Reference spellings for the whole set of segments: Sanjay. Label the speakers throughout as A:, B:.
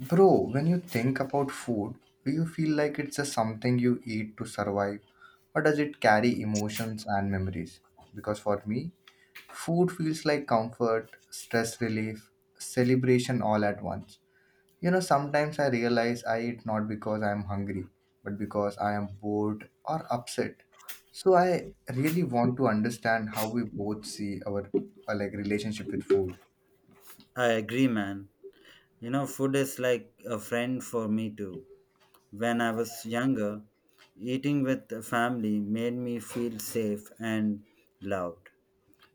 A: Bro, when you think about food, do you feel like it's just something you eat to survive, or does it carry emotions and memories? Because for me, food feels like comfort, stress relief, celebration all at once. You know, sometimes I realize I eat not because I am hungry, but because I am bored or upset. So I really want to understand how we both see our like relationship with food.
B: I agree, man. Food is like a friend for me too. When I was younger, eating with the family made me feel safe and loved.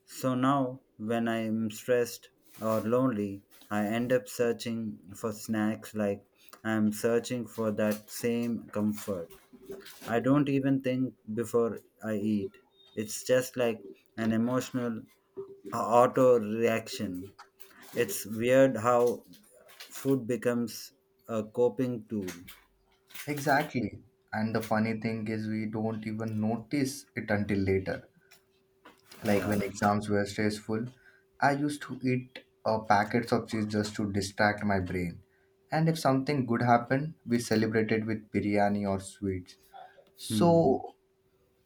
B: So now, when I am stressed or lonely, I end up searching for snacks like I am searching for that same comfort. I don't even think before I eat. It's just like an emotional auto reaction. It's weird how food becomes a coping tool.
A: Exactly. And the funny thing is, we don't even notice it until later. Like
B: Yeah.
A: when exams were stressful, I used to eat packets of cheese just to distract my brain. And if something good happened, we celebrated with biryani or sweets.
B: Hmm.
A: So,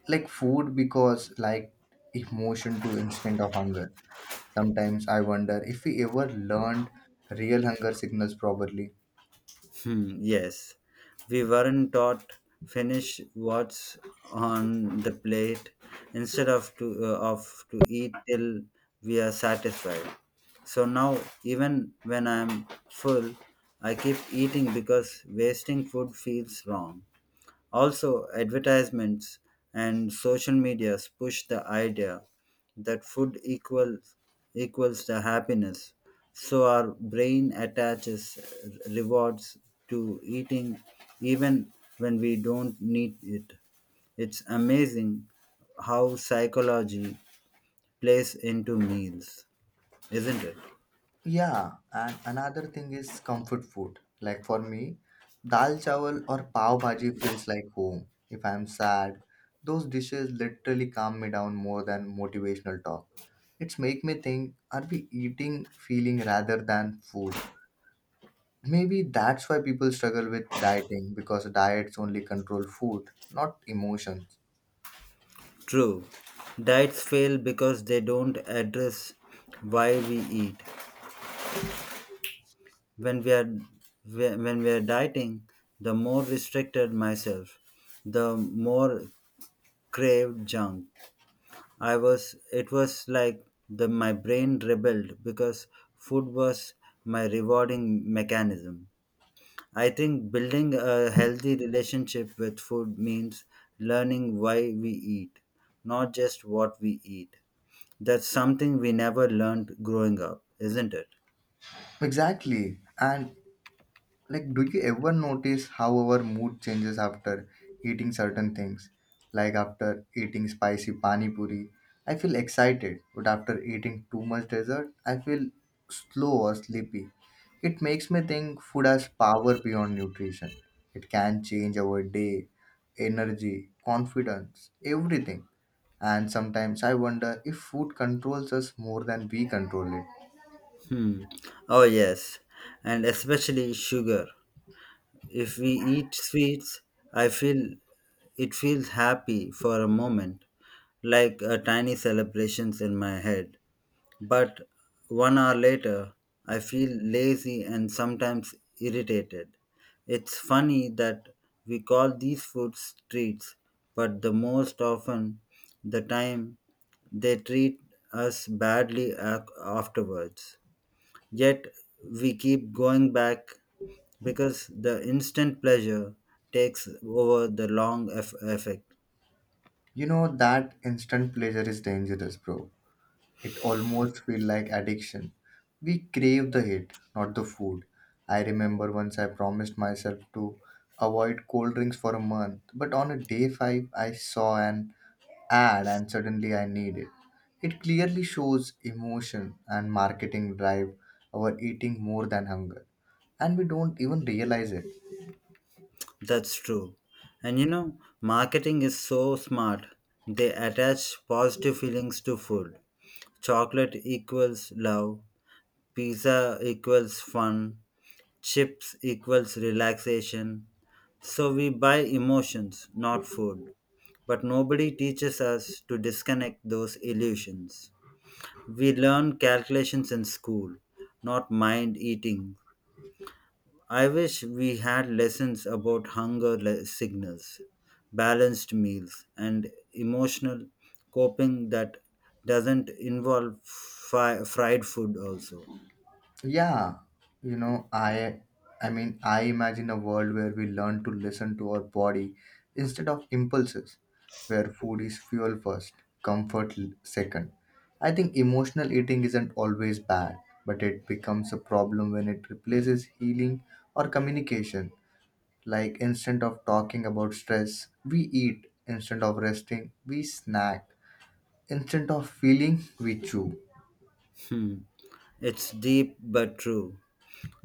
A: like food, because like emotion to instant of hunger. Sometimes I wonder if we ever learned real hunger signals properly.
B: Hmm. Yes. We weren't taught finish what's on the plate instead of to eat till we are satisfied. So now even when I'm full, I keep eating because wasting food feels wrong. Also, advertisements and social medias push the idea that food equals the happiness. So our brain attaches rewards to eating even when we don't need it. It's amazing how psychology plays into meals, isn't it?
A: Yeah, and another thing is comfort food. Like for me, dal chawal or pav bhaji feels like home. If I'm sad, those dishes literally calm me down more than motivational talk. It's make me think, are we eating feeling rather than food? Maybe that's why people struggle with dieting because diets only control food, not emotions.
B: True. Diets fail because they don't address why we eat. when we are when we are dieting, the more restricted myself, the more craved junk. I was it was like the my brain rebelled because food was my rewarding mechanism. I think building a healthy relationship with food means learning why we eat, not just what we eat. That's something we never learned growing up, isn't it?
A: Exactly. And, like, do you ever notice how our mood changes after eating certain things? Like, after eating spicy pani puri, I feel excited, but after eating too much dessert, I feel slow or sleepy. It makes me think food has power beyond nutrition. It can change our day, energy, confidence, everything. And sometimes I wonder if food controls us more than we control it.
B: Hmm. Oh, yes, and especially sugar. If we eat sweets, I feel it feels happy for a moment, like a tiny celebrations in my head. But 1 hour later, I feel lazy and sometimes irritated. It's funny that we call these foods treats, but the most often the time they treat us badly afterwards. Yet we keep going back because the instant pleasure takes over the long effect.
A: You know, that instant pleasure is dangerous, bro. It almost feels like addiction. We crave the hit, not the food. I remember once I promised myself to avoid cold drinks for a month, but on a day 5 I saw an ad and suddenly I need it. It clearly shows emotion and marketing drive our eating more than hunger, and we don't even realize it.
B: That's true. And marketing is so smart. They attach positive feelings to food. Chocolate equals love, pizza equals fun, chips equals relaxation. So we buy emotions, not food. But nobody teaches us to disconnect those illusions. We learn calculations in school, not mind eating. I wish we had lessons about hunger signals, balanced meals, and emotional coping that doesn't involve fried food, also.
A: Yeah, you know i I mean, I imagine a world where we learn to listen to our body instead of impulses, where food is fuel first, comfort second. I think emotional eating isn't always bad, but it becomes a problem when it replaces healing or communication. Like, instead of talking about stress we eat, instead of resting we snack, instead of feeling we chew.
B: Hmm. It's deep but true.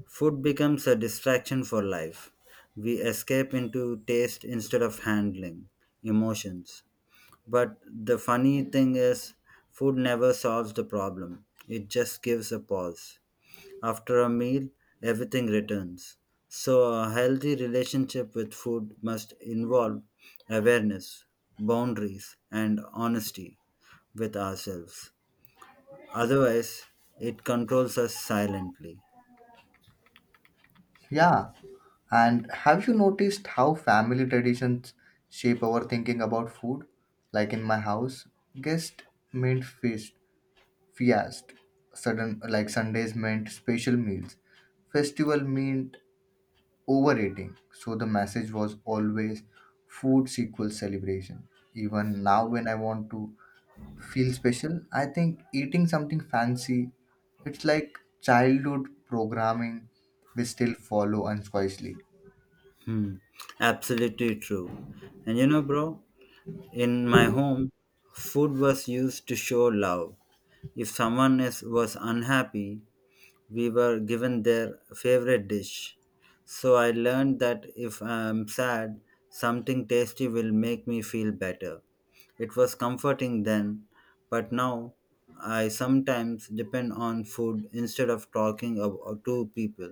B: Food becomes a distraction for life. We escape into taste instead of handling emotions. But the funny thing is, food never solves the problem, it just gives a pause. After a meal, everything returns. So, a healthy relationship with food must involve awareness, boundaries, and honesty with ourselves. Otherwise, it controls us silently.
A: Yeah. And have you noticed how family traditions shape our thinking about food? Like in my house, guest meant feast. Sudden like Sundays meant special meals. Festival meant overeating. So the message was always food equals celebration. Even now when I want to feel special, I think eating something fancy, it's like childhood programming we still follow unconsciously.
B: Hmm. Absolutely true. And bro, in my home, food was used to show love. If someone was unhappy, we were given their favorite dish. So I learned that if I am sad, something tasty will make me feel better. It was comforting then, but now I sometimes depend on food instead of talking to people.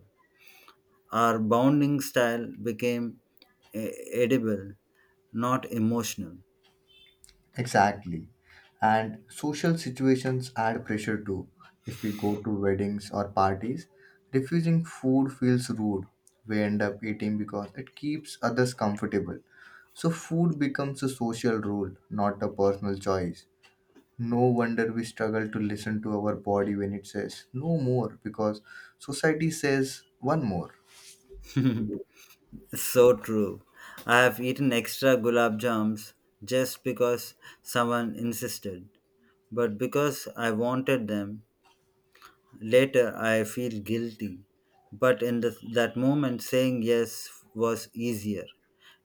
B: Our bonding style became edible, not emotional.
A: Exactly. And social situations add pressure too. If we go to weddings or parties, refusing food feels rude. We end up eating because it keeps others comfortable. So food becomes a social rule, not a personal choice. No wonder we struggle to listen to our body when it says no more because society says one more.
B: So true. I have eaten extra gulab jams just because someone insisted, but because I wanted them. Later, I feel guilty. But in that moment, saying yes was easier.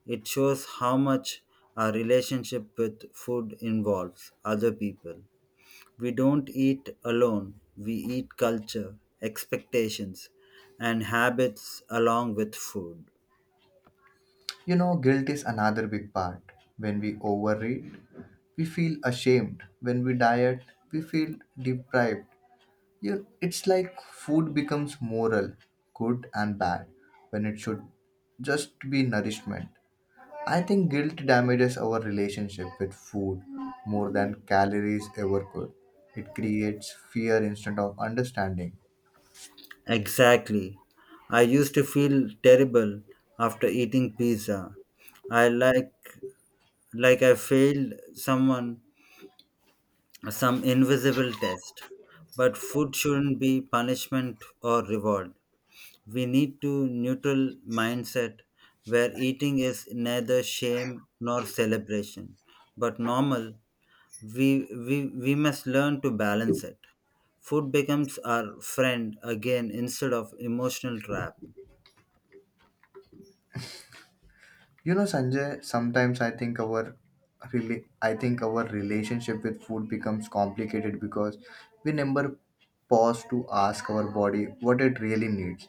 B: It shows how much our relationship with food involves other people. We don't eat alone, we eat culture, expectations, and habits along with food.
A: You know, guilt is another big part. When we overeat, we feel ashamed. When we diet, we feel deprived. You It's like food becomes moral, good and bad, when it should just be nourishment. I think guilt damages our relationship with food more than calories ever could. It creates fear instead of understanding.
B: Exactly. I used to feel terrible after eating pizza. I like I failed someone, some invisible test. But food shouldn't be punishment or reward. We need to neutral mindset where eating is neither shame nor celebration, but normal. We must learn to balance it. Food becomes our friend again instead of emotional trap.
A: You know, Sanjay, sometimes I think our relationship with food becomes complicated because we never pause to ask our body what it really needs.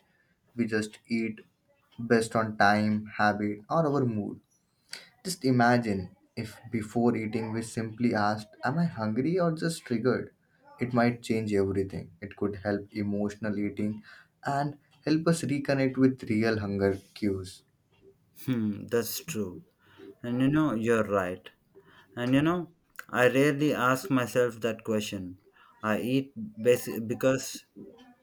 A: We just eat based on time, habit, or our mood. Just imagine if before eating we simply asked, am I hungry or just triggered? It might change everything. It could help emotional eating and help us reconnect with real hunger cues.
B: Hmm, that's true. And you're right. And I rarely ask myself that question. I eat basic because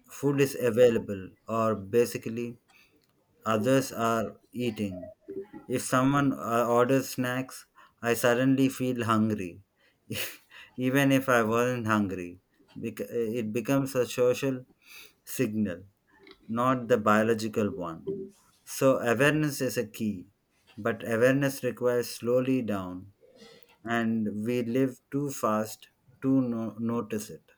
B: food is available or basically others are eating. If someone orders snacks, I suddenly feel hungry, even if I wasn't hungry. It becomes a social signal, not the biological one. So, awareness is a key, but awareness requires slowly down, and we live too fast to notice it.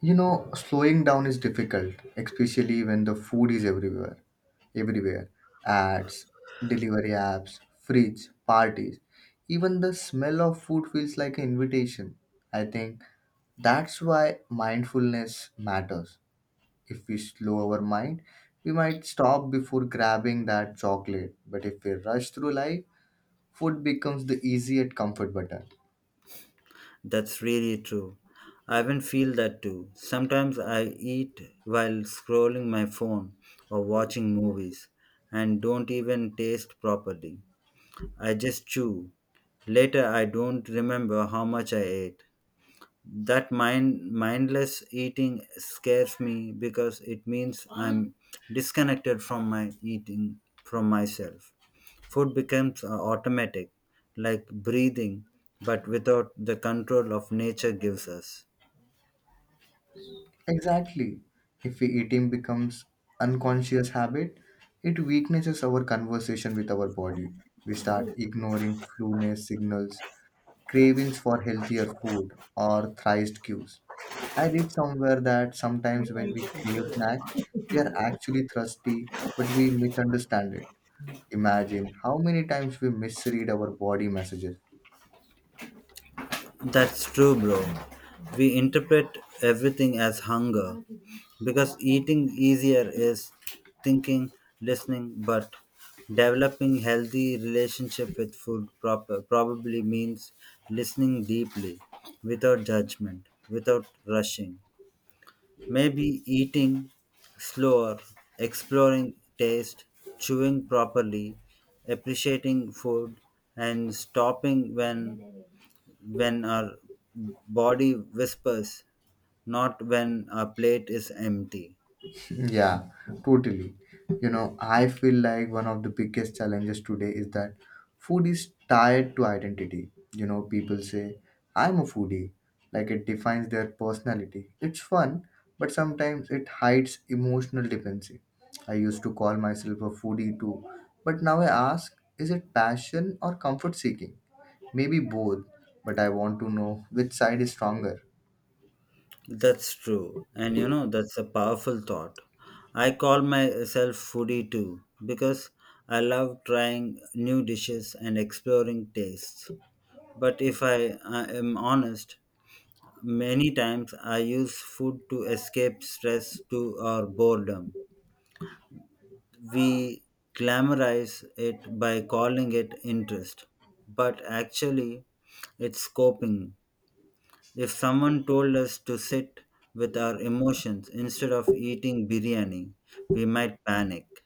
A: You know, slowing down is difficult, especially when the food is everywhere. Everywhere. Ads, delivery apps, fridge, parties. Even the smell of food feels like an invitation. I think that's why mindfulness matters. If we slow our mind, we might stop before grabbing that chocolate. But if we rush through life, food becomes the easy and comfort button.
B: That's really true. I even feel that too. Sometimes I eat while scrolling my phone or watching movies and don't even taste properly. I just chew. Later, I don't remember how much I ate. That mindless eating scares me because it means I'm disconnected from my eating, from myself. Food becomes automatic, like breathing, but without the control of nature gives us.
A: Exactly. If we eating becomes unconscious habit, it weaknesses our conversation with our body. We start ignoring fullness signals, cravings for healthier food, or thirst cues. I read somewhere that sometimes when we crave snacks, we are actually thirsty, but we misunderstand it. Imagine how many times we misread our body messages.
B: That's true, bro. We interpret everything as hunger because eating easier is thinking, listening, but developing healthy relationship with food proper probably means listening deeply, without judgment, without rushing. Maybe eating slower, exploring taste, chewing properly, appreciating food and stopping when our body whispers, not when our plate is empty.
A: Yeah, totally. You know, I feel like one of the biggest challenges today is that food is tied to identity. You know, people say, I'm a foodie. Like it defines their personality. It's fun, but sometimes it hides emotional dependency. I used to call myself a foodie too, but now I ask, is it passion or comfort seeking? Maybe both, but I want to know which side is stronger.
B: That's true. And that's a powerful thought. I call myself foodie too because I love trying new dishes and exploring tastes. But if I am honest, many times I use food to escape stress to or boredom. We glamorize it by calling it interest, but actually it's coping. If someone told us to sit with our emotions instead of eating biryani, we might panic.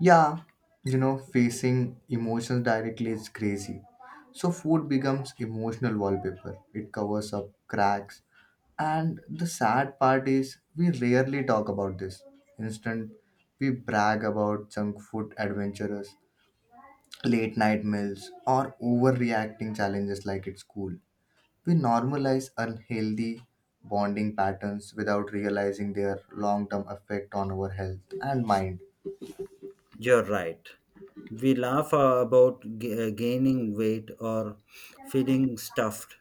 A: Yeah, you know, facing emotions directly is crazy. So food becomes emotional wallpaper. It covers up cracks. And the sad part is we rarely talk about this. Instead, we brag about junk food adventurers, late night meals, or overreacting challenges like it's cool. We normalize unhealthy bonding patterns without realizing their long-term effect on our health and mind.
B: You're right. We laugh about gaining weight or feeling stuffed,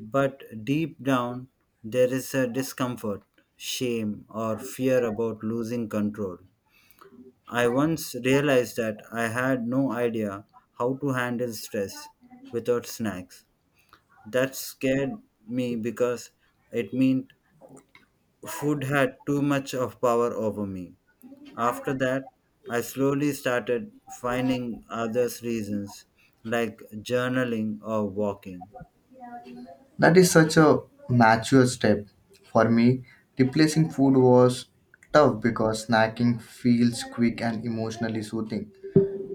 B: but deep down there is a discomfort, shame, or fear about losing control. I once realized that I had no idea how to handle stress without snacks. That scared me because it meant food had too much of power over me. After that, I slowly started finding others reasons like journaling or walking.
A: That is such a mature step. For me, replacing food was tough because snacking feels quick and emotionally soothing.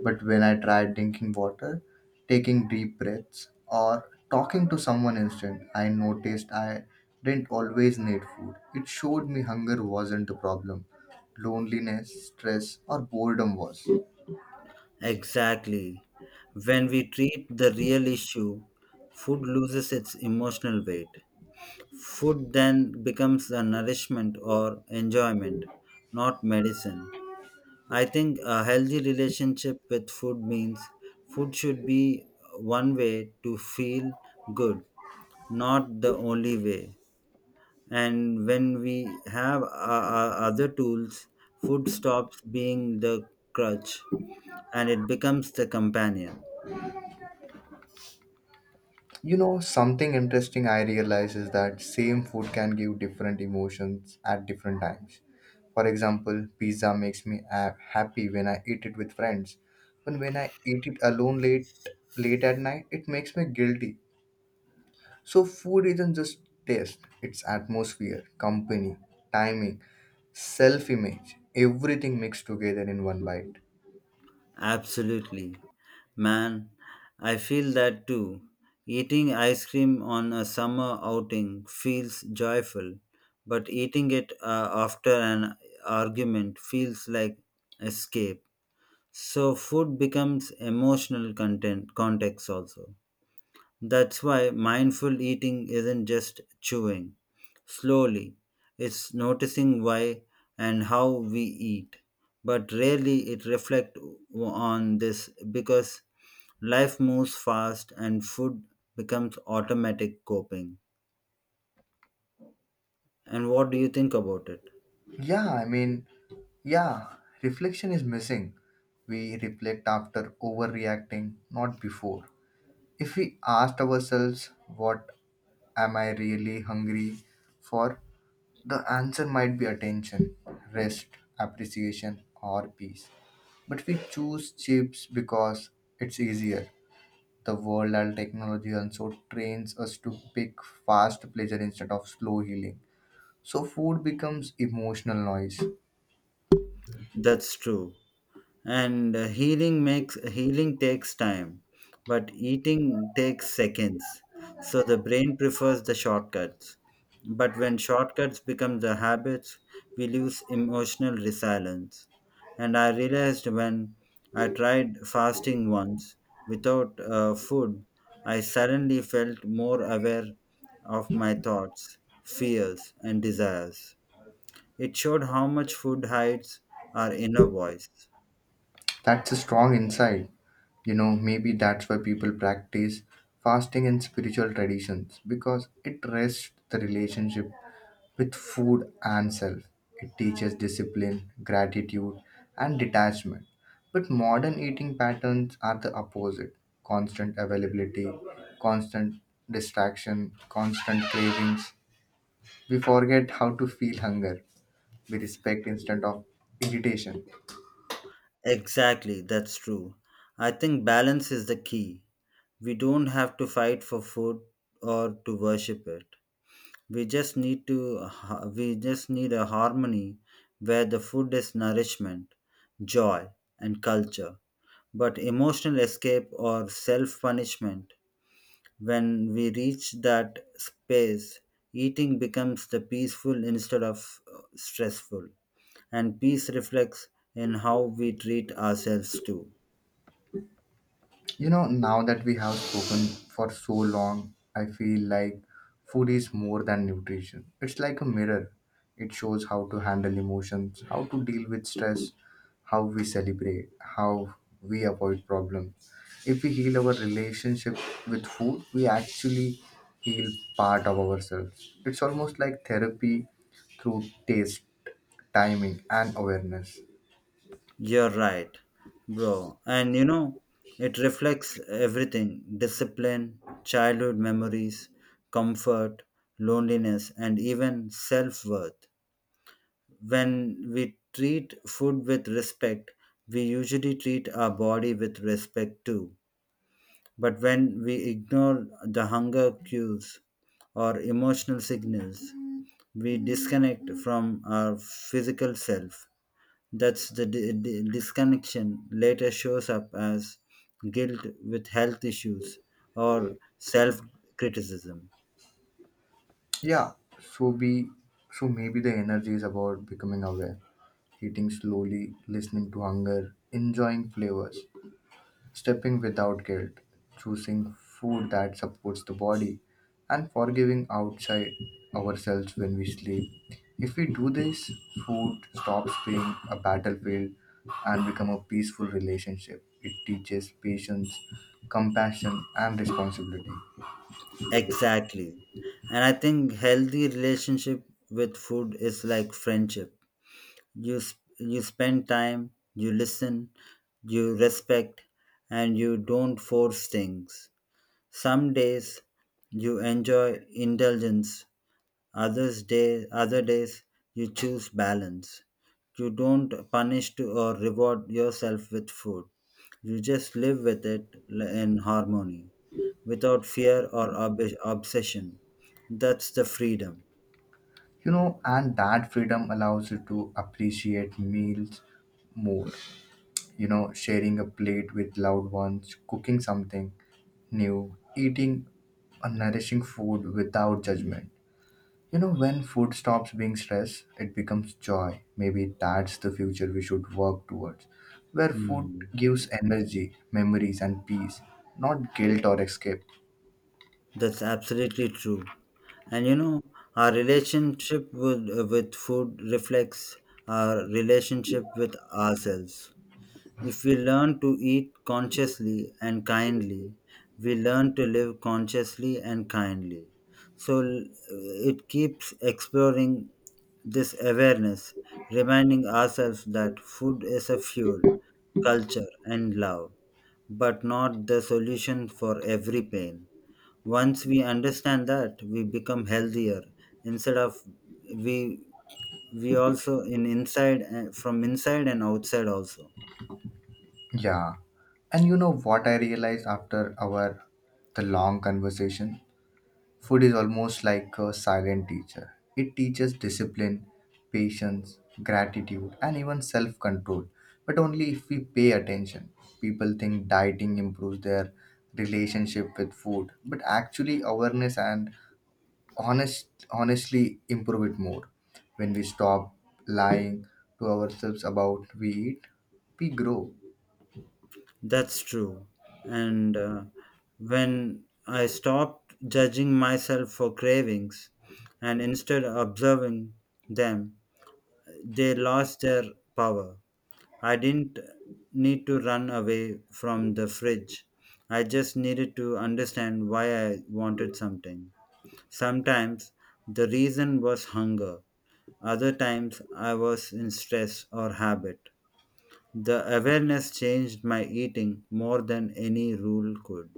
A: But when I tried drinking water, taking deep breaths, or talking to someone instant, I noticed I didn't always need food. It showed me hunger wasn't the problem, loneliness, stress, or boredom was.
B: Exactly. When we treat the real issue, food loses its emotional weight. Food then becomes a nourishment or enjoyment, not medicine. I think a healthy relationship with food means food should be one way to feel good, not the only way. And when we have other tools, food stops being the crutch and it becomes the companion.
A: You know, something interesting I realize is that same food can give different emotions at different times. For example, pizza makes me happy when I eat it with friends, but when I eat it alone late at night, it makes me guilty. So food isn't just taste, it's atmosphere, company, timing, self-image, everything mixed together in one bite.
B: Absolutely. Man, I feel that too. Eating ice cream on a summer outing feels joyful, but eating it after an argument feels like escape. So food becomes emotional content context also. That's why mindful eating isn't just chewing slowly, it's noticing why and how we eat. But rarely it reflects on this because life moves fast and food becomes automatic coping. And what do you think about it?
A: Yeah, I mean, yeah, reflection is missing. We reflect after overreacting, not before. If we asked ourselves, what am I really hungry for? The answer might be attention, rest, appreciation, or peace. But we choose chips because it's easier. The world and technology also trains us to pick fast pleasure instead of slow healing. So food becomes emotional noise.
B: That's true. And healing takes time, but eating takes seconds. So the brain prefers the shortcuts. But when shortcuts become the habits, we lose emotional resilience. And I realized when I tried fasting once without food, I suddenly felt more aware of my thoughts, fears, and desires. It showed how much food hides our inner voice.
A: That's a strong insight. You know, maybe that's why people practice fasting in spiritual traditions because it rests the relationship with food and self. It teaches discipline, gratitude, and detachment. But modern eating patterns are the opposite, constant availability, constant distraction, constant cravings. We forget how to feel hunger. We respect instead of irritation.
B: Exactly, that's true. I think balance is the key. We don't have to fight for food or to worship it. We just need to we just need a harmony where the food is nourishment, joy and culture, but emotional escape or self-punishment. When we reach that space, eating becomes the peaceful instead of stressful. And peace reflects in how we treat ourselves too.
A: You know, now that we have spoken for so long, I feel like food is more than nutrition. It's like a mirror. It shows how to handle emotions, how to deal with stress, how we celebrate, how we avoid problems. If we heal our relationship with food, we actually heal part of ourselves. It's almost like therapy through taste, timing, and awareness.
B: You're right, bro. And it reflects everything: discipline, childhood memories, comfort, loneliness, and even self worth. When we treat food with respect, we usually treat our body with respect too. But when we ignore the hunger cues or emotional signals, we disconnect from our physical self. That's the disconnection later shows up as guilt with health issues or self criticism.
A: Yeah, so be so maybe the energy is about becoming aware, eating slowly, listening to hunger, enjoying flavors, stepping without guilt, choosing food that supports the body, and forgiving outside ourselves when we sleep. If we do this, food stops being a battlefield and become a peaceful relationship. It teaches patience, compassion, and responsibility.
B: Exactly. And I think healthy relationship with food is like friendship. You spend time, you listen, you respect, and you don't force things. Some days you enjoy indulgence, other days you choose balance. You don't punish to or reward yourself with food. You just live with it in harmony, without fear or obsession. That's the freedom.
A: And that freedom allows you to appreciate meals more. Sharing a plate with loved ones, cooking something new, eating a nourishing food without judgment. When food stops being stress, it becomes joy. Maybe that's the future we should work towards, where food
B: Hmm.
A: gives energy, memories, and peace, not guilt or escape.
B: That's absolutely true. And our relationship with food reflects our relationship with ourselves. If we learn to eat consciously and kindly, we learn to live consciously and kindly. So it keeps exploring this awareness, reminding ourselves that food is a fuel, culture, and love, but not the solution for every pain. Once we understand that, we become healthier instead of we we also in inside from inside and outside also.
A: Yeah, and you know what I realized after our the long conversation. Food is almost like a silent teacher. It teaches discipline, patience, gratitude, and even self control, but only if we pay attention. People think dieting improves their relationship with food, but actually, awareness and honestly improve it more. When we stop lying to ourselves about we eat, we grow.
B: That's true. And when I stopped judging myself for cravings and instead observing them, they lost their power. I didn't need to run away from the fridge. I just needed to understand why I wanted something. Sometimes the reason was hunger, other times I was in stress or habit. The awareness changed my eating more than any rule could.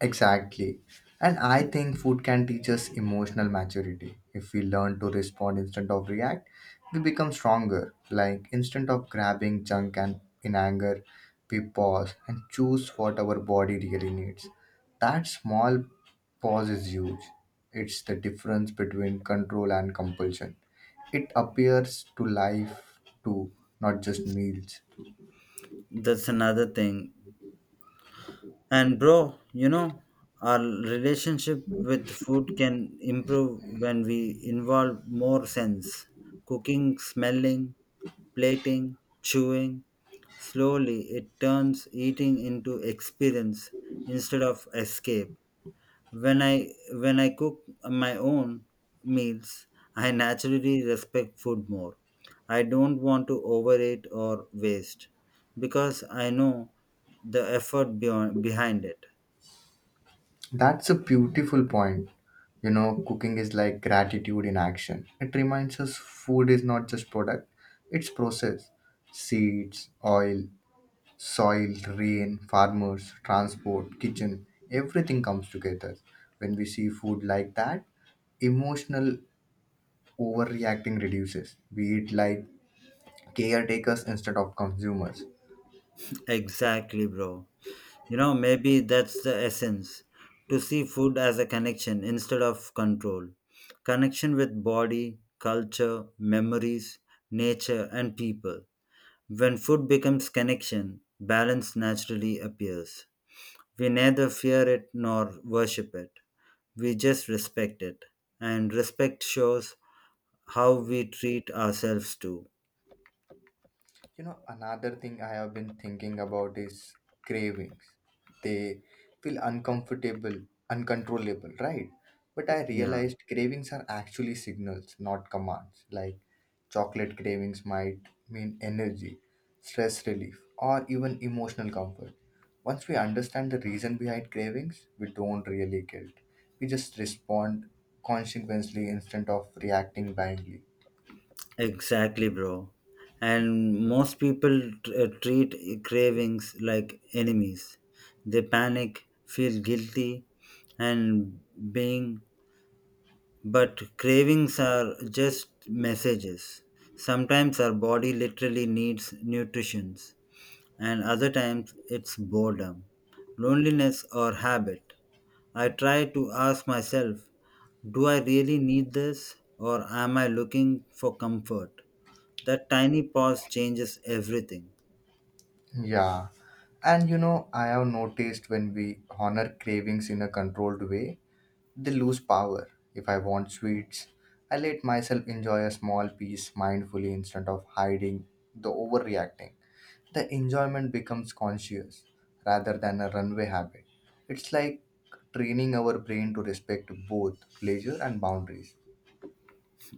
A: Exactly. And I think food can teach us emotional maturity. If we learn to respond instead of react, we become stronger. Like instead of grabbing junk and in anger, we pause and choose what our body really needs. That small pause is huge. It's the difference between control and compulsion. It appears to life too, not just meals.
B: That's another thing. And, bro, our relationship with food can improve when we involve more sense cooking, smelling, plating, chewing. Slowly, it turns eating into experience instead of escape. When I cook my own meals, I naturally respect food more. I don't want to overeat or waste because I know the effort behind it.
A: That's a beautiful point. You know, cooking is like gratitude in action. It reminds us food is not just product, it's process. Seeds, oil, soil, rain, farmers, transport, kitchen, everything comes together. When we see food like that, emotional overreacting reduces. We eat like caretakers instead of consumers.
B: Exactly, bro. Maybe that's the essence to see food as a connection instead of control. Connection with body, culture, memories, nature, and people. When food becomes connection, balance naturally appears. We neither fear it nor worship it. We just respect it. And respect shows how we treat ourselves too.
A: You know, another thing I have been thinking about is cravings. They feel uncomfortable, uncontrollable, right? But I
B: Yeah,
A: realized cravings are actually signals, not commands. Like, chocolate cravings might mean energy, stress relief, or even emotional comfort. Once we understand the reason behind cravings, we don't really guilt. We just respond consequently instead of reacting blindly.
B: exactly, bro. And most people treat cravings like enemies. They panic, feel guilty, and being. But cravings are just messages. Sometimes our body literally needs nutrition. And other times it's boredom, loneliness, or habit. I try to ask myself, do I really need this or am I looking for comfort? That tiny pause changes everything.
A: Yeah. And you know, I have noticed when we honor cravings in a controlled way, they lose power. If I want sweets, I let myself enjoy a small piece mindfully instead of hiding the overreacting. The enjoyment becomes conscious rather than a runaway habit. It's like training our brain to respect both pleasure and boundaries.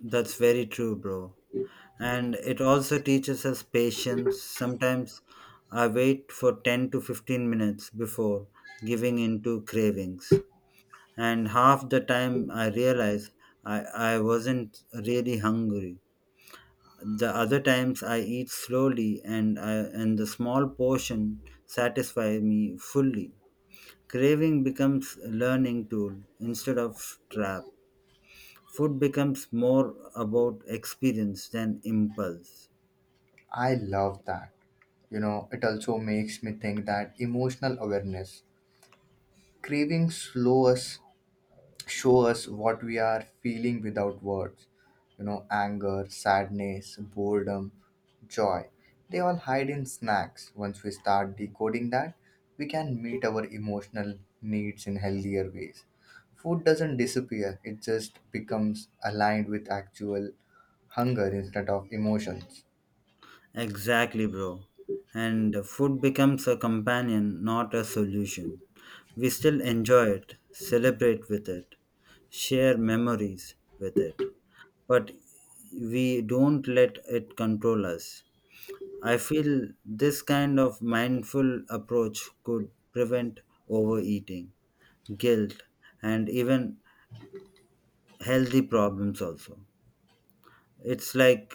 B: That's very true, bro. And it also teaches us patience. Sometimes I wait for 10 to 15 minutes before giving in to cravings. And half the time I realize I wasn't really hungry. The other times I eat slowly and and the small portion satisfy me fully. Craving becomes a learning tool instead of trap. Food becomes more about experience than impulse.
A: I love that. You know, it also makes me think that emotional awareness, cravings slow us show us what we are feeling without words. Anger, sadness, boredom, joy, they all hide in snacks. Once we start decoding that, we can meet our emotional needs in healthier ways. Food doesn't disappear, it just becomes aligned with actual hunger instead of emotions.
B: Exactly, bro. And food becomes a companion, not a solution. We still enjoy it, celebrate with it, share memories with it, but we don't let it control us. I feel this kind of mindful approach could prevent overeating, guilt, and even healthy problems also. It's like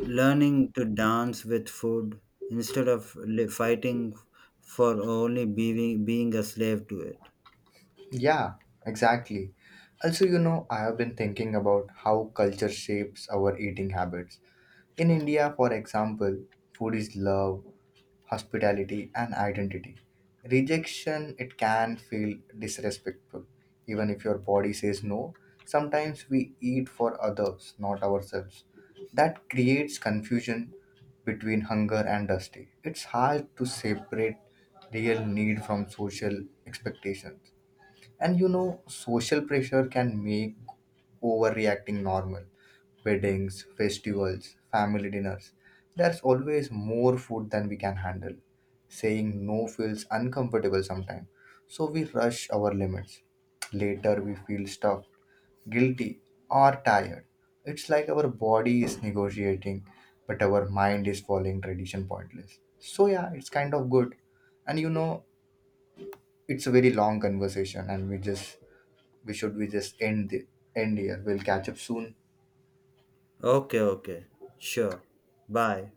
B: learning to dance with food instead of fighting for only being a slave to it.
A: Yeah, exactly. Also, I have been thinking about how culture shapes our eating habits. In India, for example, food is love, hospitality, and identity. Rejection, it can feel disrespectful, even if your body says no. Sometimes we eat for others, not ourselves. That creates confusion between hunger and dusty. It's hard to separate real need from social expectations. And you know, social pressure can make overreacting normal. Weddings, festivals, family dinners. There's always more food than we can handle. Saying no feels uncomfortable sometimes, so we rush our limits. Later, we feel stuffed, guilty, or tired. It's like our body is negotiating, but our mind is following tradition pointless. So, yeah, it's kind of good. And you know, it's a very long conversation, and we should we just end end here. We'll catch up soon.
B: Okay, okay. Sure. Bye.